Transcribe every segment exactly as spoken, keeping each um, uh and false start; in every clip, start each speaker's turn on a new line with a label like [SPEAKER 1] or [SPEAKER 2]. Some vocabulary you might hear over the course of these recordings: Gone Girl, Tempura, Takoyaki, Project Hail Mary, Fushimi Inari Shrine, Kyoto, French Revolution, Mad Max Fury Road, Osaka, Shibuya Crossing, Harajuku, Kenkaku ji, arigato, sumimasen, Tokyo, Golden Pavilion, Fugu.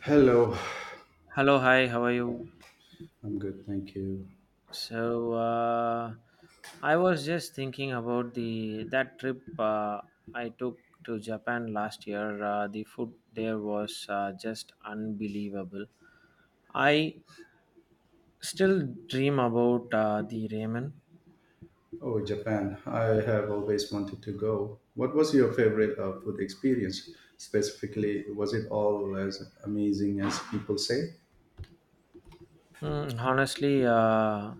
[SPEAKER 1] Hello,
[SPEAKER 2] Hello, hi, how are you?
[SPEAKER 1] I'm good, thank you.
[SPEAKER 2] So, uh, I was just thinking about the that trip uh, I took to Japan last year. Uh, the food there was uh, just unbelievable. I still dream about uh, the ramen.
[SPEAKER 1] Oh, Japan, I have always wanted to go. What was your favorite uh, food experience? Specifically, was it all as amazing as people say?
[SPEAKER 2] Mm, honestly, uh,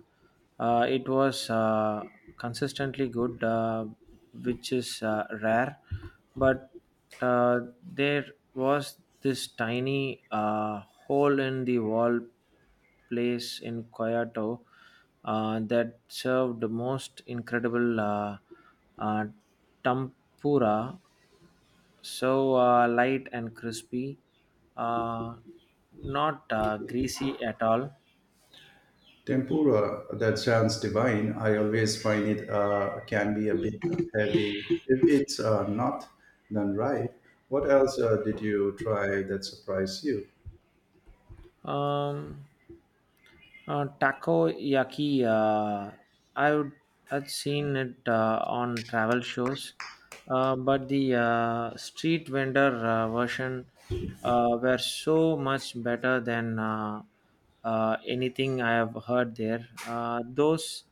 [SPEAKER 2] uh, it was uh, consistently good, uh, which is uh, rare. But uh, there was this tiny uh, hole in the wall place in Kyoto uh, that served the most incredible uh, uh, tempura, so uh, light and crispy, uh, not uh, greasy at all.
[SPEAKER 1] Tempura, that sounds divine. I always find it uh, can be a bit heavy if it's uh, not done right. What else uh, did you try that surprised you?
[SPEAKER 2] Um, uh, Takoyaki. Uh, I would I'd seen it uh, on travel shows, uh, but the uh, street vendor uh, version uh, were so much better than uh, uh, anything I have heard there. Uh, those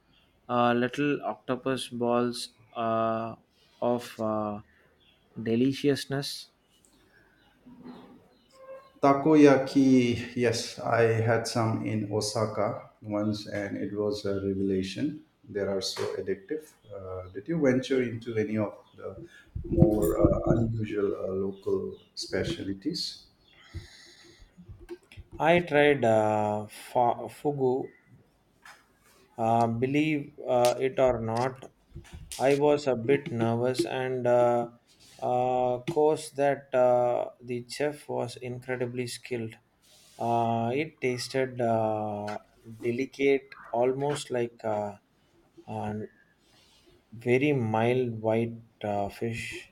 [SPEAKER 2] uh, little octopus balls uh, of uh, deliciousness.
[SPEAKER 1] Takoyaki, yes, I had some in Osaka once and it was a revelation. They are so addictive. Uh, did you venture into any of the more uh, unusual uh, local specialties?
[SPEAKER 2] I tried uh, fa- fugu. Uh, believe uh, it or not, I was a bit nervous, and uh, uh, course that uh, the chef was incredibly skilled. Uh, it tasted uh, delicate, almost like a, a very mild white uh, fish.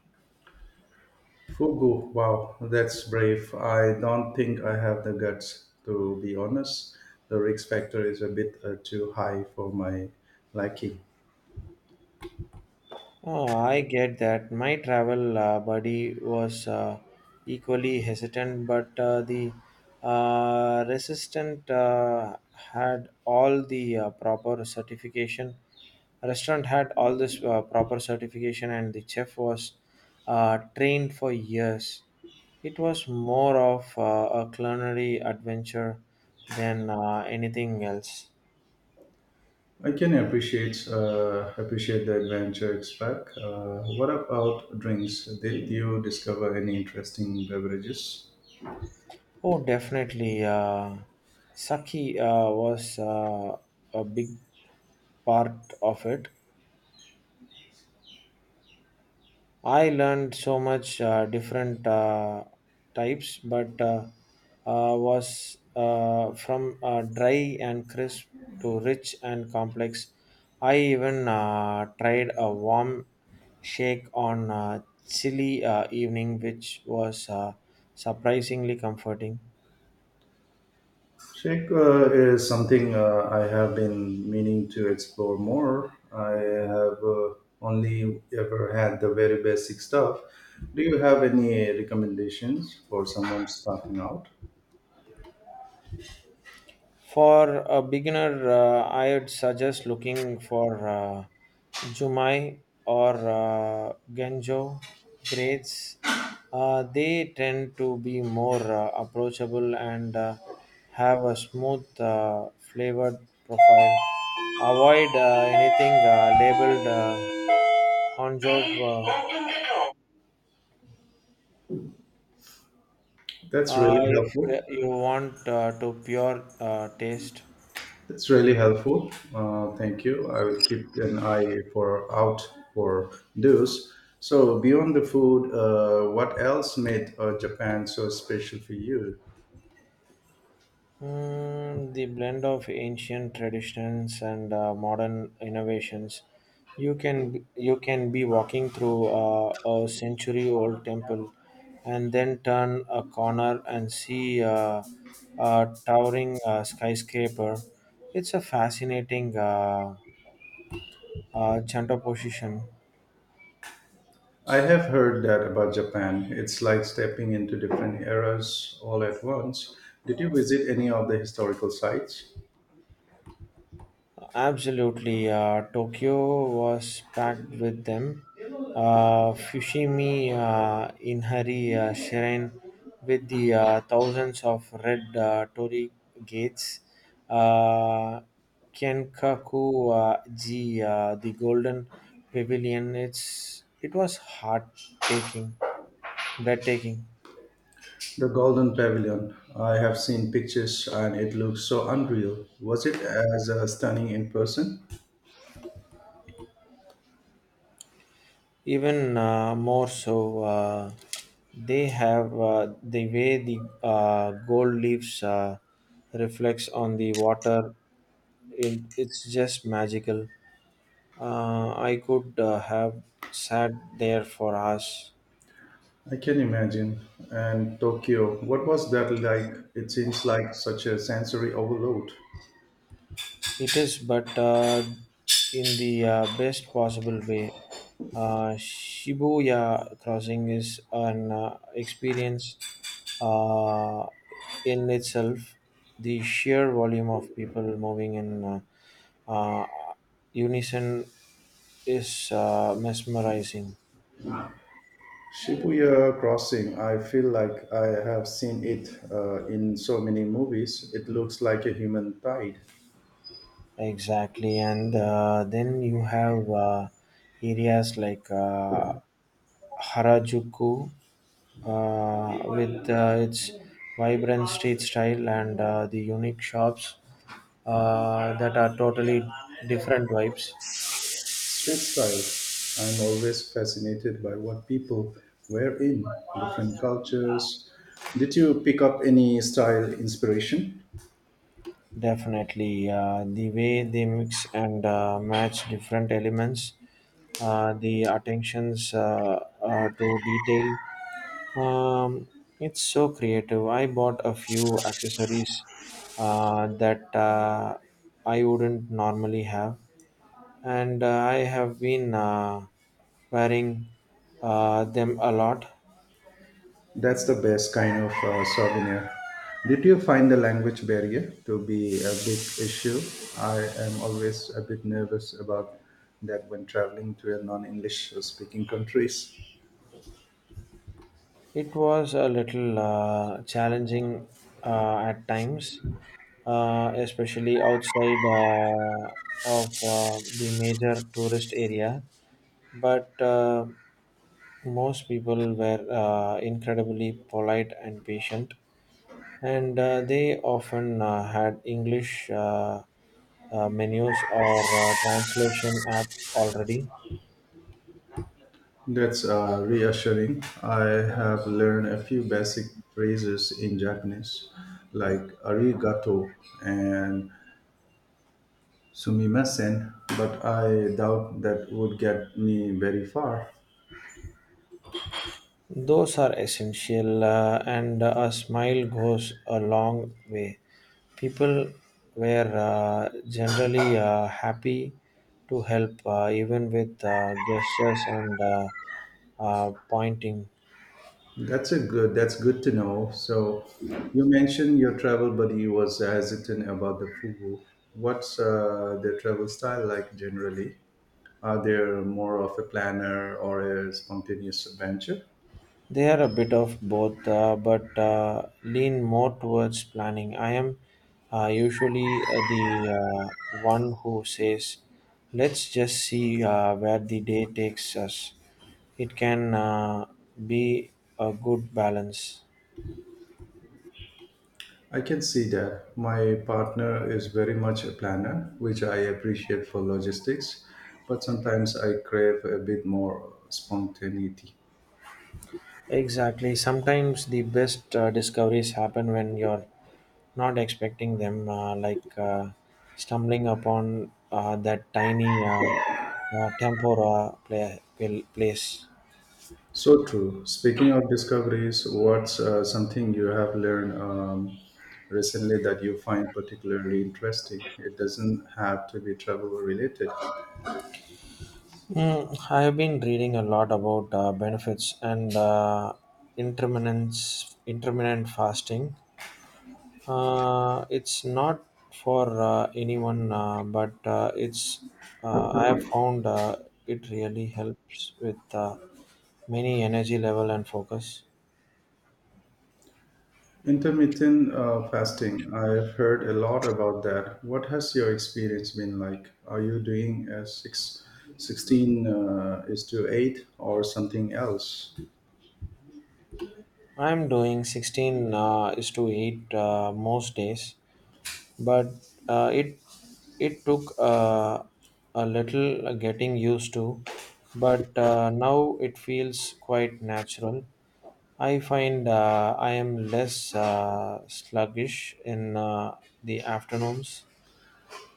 [SPEAKER 1] Fugu, wow, that's brave. I don't think I have the guts, to be honest. The risk factor is a bit uh, too high for my liking.
[SPEAKER 2] Oh, I get that. My travel uh, buddy was uh, equally hesitant, but uh, the uh, resistant uh, had all the uh, proper certification. Restaurant had all this uh, proper certification, and the chef was uh, trained for years. It was more of uh, a culinary adventure than uh, anything else.
[SPEAKER 1] I can appreciate uh, appreciate the adventure it's back. Uh, what about drinks? Did you discover any interesting beverages?
[SPEAKER 2] Oh, definitely. Uh, Saki uh, was uh, a big part of it. I learned so much uh, different uh, types, but uh, uh, was uh, from uh, dry and crisp to rich and complex. I even uh, tried a warm shake on a chilly uh, evening, which was uh, surprisingly comforting.
[SPEAKER 1] Shake uh, is something uh, I have been meaning to explore more. I have uh, only ever had the very basic stuff. Do you have any recommendations for someone starting out?
[SPEAKER 2] For a beginner, uh, I'd suggest looking for uh, Jumai or uh, Genjo grades. Uh, they tend to be more uh, approachable and uh, have a smooth, uh, flavored profile. Avoid uh, anything uh, labeled uh, Honjo uh,
[SPEAKER 1] That's really
[SPEAKER 2] uh, if
[SPEAKER 1] helpful.
[SPEAKER 2] you want uh, to pure uh, taste.
[SPEAKER 1] That's really helpful. Uh, thank you. I will keep an eye for out for those. So beyond the food, uh, what else made uh, Japan so special for you?
[SPEAKER 2] Mm, the blend of ancient traditions and uh, modern innovations. You can you can be walking through uh, a century-old temple, and then turn a corner and see uh, a towering uh, skyscraper. It's a fascinating uh, uh, juxtaposition.
[SPEAKER 1] I have heard that about Japan. It's like stepping into different eras all at once. Did you visit any of the historical sites?
[SPEAKER 2] Absolutely, uh, Tokyo was packed with them. Uh, Fushimi uh, Inari uh, Shrine with the uh, thousands of red uh, torii gates. Uh, Kenkaku uh, ji, uh, the Golden Pavilion. It's it was heart taking, breathtaking.
[SPEAKER 1] The Golden Pavilion. I have seen pictures and it looks so unreal. Was it as uh, stunning in person?
[SPEAKER 2] Even uh, more so, uh, they have uh, the way the uh, gold leaves uh, reflects on the water. It, it's just magical. Uh, I could uh, have sat there for hours.
[SPEAKER 1] I can imagine. And Tokyo, what was that like? It seems like such a sensory overload.
[SPEAKER 2] It is, but uh, in the uh, best possible way. Uh, Shibuya Crossing is an uh, experience uh, in itself. The sheer volume of people moving in uh, uh, unison is uh, mesmerizing.
[SPEAKER 1] Shibuya Crossing, I feel like I have seen it uh, in so many movies. It looks like a human tide,
[SPEAKER 2] Exactly, and uh, then you have uh, areas like uh, Harajuku uh, with uh, its vibrant street style and uh, the unique shops uh, that are totally different vibes.
[SPEAKER 1] street style. I'm always fascinated by what people wear in different cultures. Did you pick up any style inspiration?
[SPEAKER 2] Definitely, uh, the way they mix and uh, match different elements, uh, the attentions uh, uh, to detail. Um, it's so creative. I bought a few accessories uh, that uh, I wouldn't normally have, and uh, I have been uh, wearing uh, them a lot.
[SPEAKER 1] That's the best kind of uh, souvenir. Did you find the language barrier to be a big issue? I am always a bit nervous about that when traveling to a non-English speaking countries.
[SPEAKER 2] It was a little uh, challenging uh, at times, uh, especially outside uh, of uh, the major tourist area. But uh, most people were uh, incredibly polite and patient, and uh, they often uh, had English uh, uh, menus or uh, translation apps already.
[SPEAKER 1] That's uh, reassuring. I have learned a few basic phrases in Japanese, like arigato and sumimasen, but I doubt that would get me very far.
[SPEAKER 2] Those are essential, uh, and a smile goes a long way. People were uh, generally uh, happy to help, uh, even with uh, gestures and uh, uh, pointing.
[SPEAKER 1] That's a good. That's good to know. So, you mentioned your travel buddy was hesitant about the fugu. What's uh, their travel style like generally? Are they more of a planner or a spontaneous adventure?
[SPEAKER 2] They are a bit of both, uh, but uh, lean more towards planning. I am uh, usually uh, the uh, one who says, let's just see uh, where the day takes us. It can uh, be a good balance.
[SPEAKER 1] I can see that. My partner is very much a planner, which I appreciate for logistics, but sometimes I crave a bit more spontaneity.
[SPEAKER 2] Exactly. Sometimes the best uh, discoveries happen when you're not expecting them, uh, like uh, stumbling upon uh, that tiny uh, uh, tempura pla- pl- place.
[SPEAKER 1] So true. Speaking of discoveries, what's uh, something you have learned um, recently that you find particularly interesting? It doesn't have to be travel related.
[SPEAKER 2] Mm, I've been reading a lot about uh, benefits and uh, intermittent intermittent fasting. Uh, it's not for uh, anyone, uh, but uh, it's uh, I have found uh, it really helps with uh, many energy level and focus.
[SPEAKER 1] Intermittent uh, fasting, I've heard a lot about that. What has your experience been like? Are you doing a six, sixteen, uh, is to eight or something else?
[SPEAKER 2] I'm doing sixteen uh, is to eight uh, most days, but uh, it it took uh, a little uh, getting used to, but uh, now it feels quite natural. I find uh, I am less uh, sluggish in uh, the afternoons.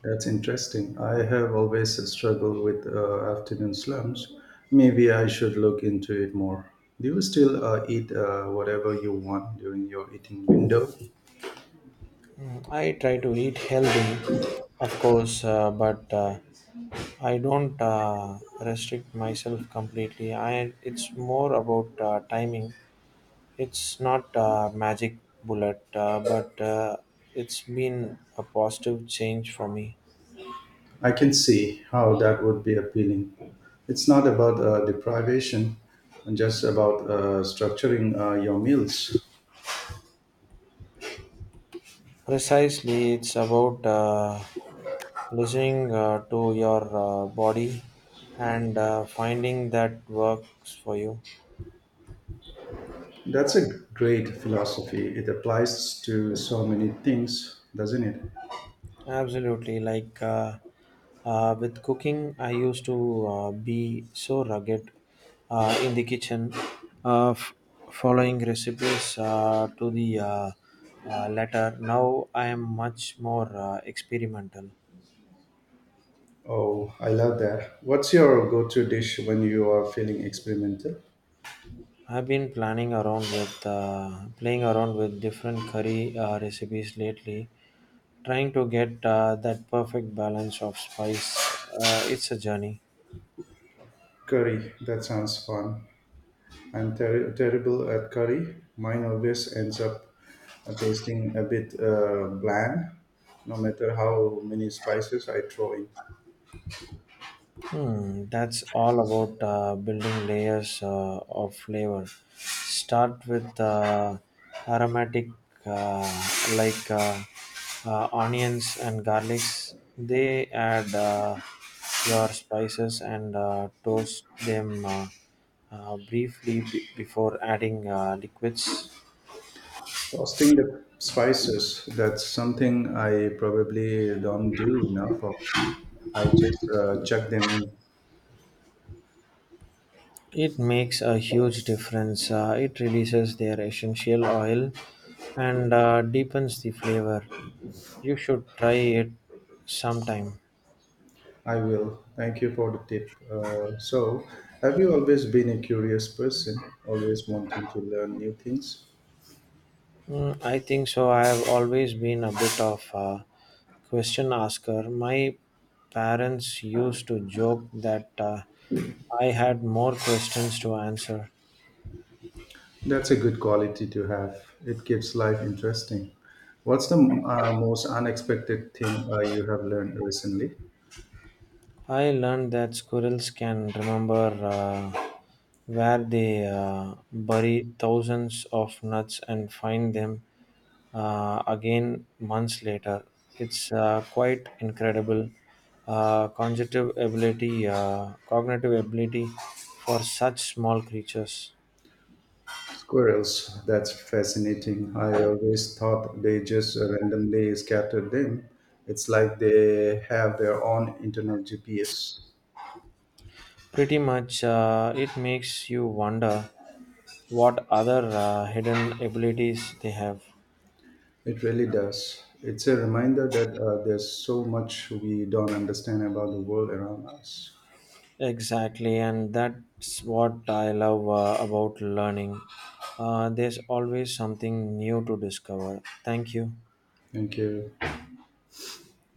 [SPEAKER 1] That's interesting. I have always struggled with uh, afternoon slumps. Maybe I should look into it more. Do you still uh, eat uh, whatever you want during your eating window?
[SPEAKER 2] I try to eat healthy of course, uh, but uh, I don't uh, restrict myself completely. I it's more about uh, timing. It's not a magic bullet, uh, but uh, it's been a positive change for me.
[SPEAKER 1] I can see how that would be appealing. It's not about uh, deprivation, uh, just about uh, structuring uh, your meals.
[SPEAKER 2] Precisely, it's about uh, listening uh, to your uh, body and uh, finding that works for you.
[SPEAKER 1] That's a great philosophy. It applies to so many things, doesn't it?
[SPEAKER 2] Absolutely. Like uh, uh, with cooking, I used to uh, be so rugged uh, in the kitchen, uh, f- following recipes uh, to the uh, uh, letter. Now I am much more uh, experimental.
[SPEAKER 1] Oh, I love that. What's your go to dish when you are feeling experimental?
[SPEAKER 2] I've been planning around with uh, playing around with different curry uh, recipes lately, trying to get uh, that perfect balance of spice. Uh, it's a journey.
[SPEAKER 1] Curry, that sounds fun. I'm ter- terrible at curry. Mine always ends up uh, tasting a bit uh, bland, no matter how many spices I throw in.
[SPEAKER 2] Hmm, that's all about uh, building layers uh, of flavor. Start with uh, aromatic uh, like uh, uh, onions and garlics. They add uh, your spices and uh, toast them uh, uh, briefly b- before adding uh, liquids.
[SPEAKER 1] Toasting the spices, that's something I probably don't do enough of. I just uh, chuck them in.
[SPEAKER 2] It makes a huge difference. Uh, it releases their essential oil and uh, deepens the flavor. You should try it sometime.
[SPEAKER 1] I will. Thank you for the tip. Uh, so, have you always been a curious person, always wanting to learn new things?
[SPEAKER 2] Mm, I think so. I have always been a bit of a question asker. My parents used to joke that uh, I had more questions to answer.
[SPEAKER 1] That's a good quality to have. It keeps life interesting. What's the uh, most unexpected thing uh, you have learned recently?
[SPEAKER 2] I learned that squirrels can remember uh, where they uh, bury thousands of nuts and find them uh, again months later. It's uh, quite incredible uh, cognitive ability, uh, cognitive ability for such small creatures.
[SPEAKER 1] Squirrels. That's fascinating. I always thought they just randomly scattered them. It's like they have their own internal G P S.
[SPEAKER 2] Pretty much, uh, it makes you wonder what other uh, hidden abilities they have.
[SPEAKER 1] It really does. It's a reminder that uh, there's so much we don't understand about the world around us.
[SPEAKER 2] Exactly, and that's what I love uh, about learning. Uh, there's always something new to discover. Thank you.
[SPEAKER 1] Thank you.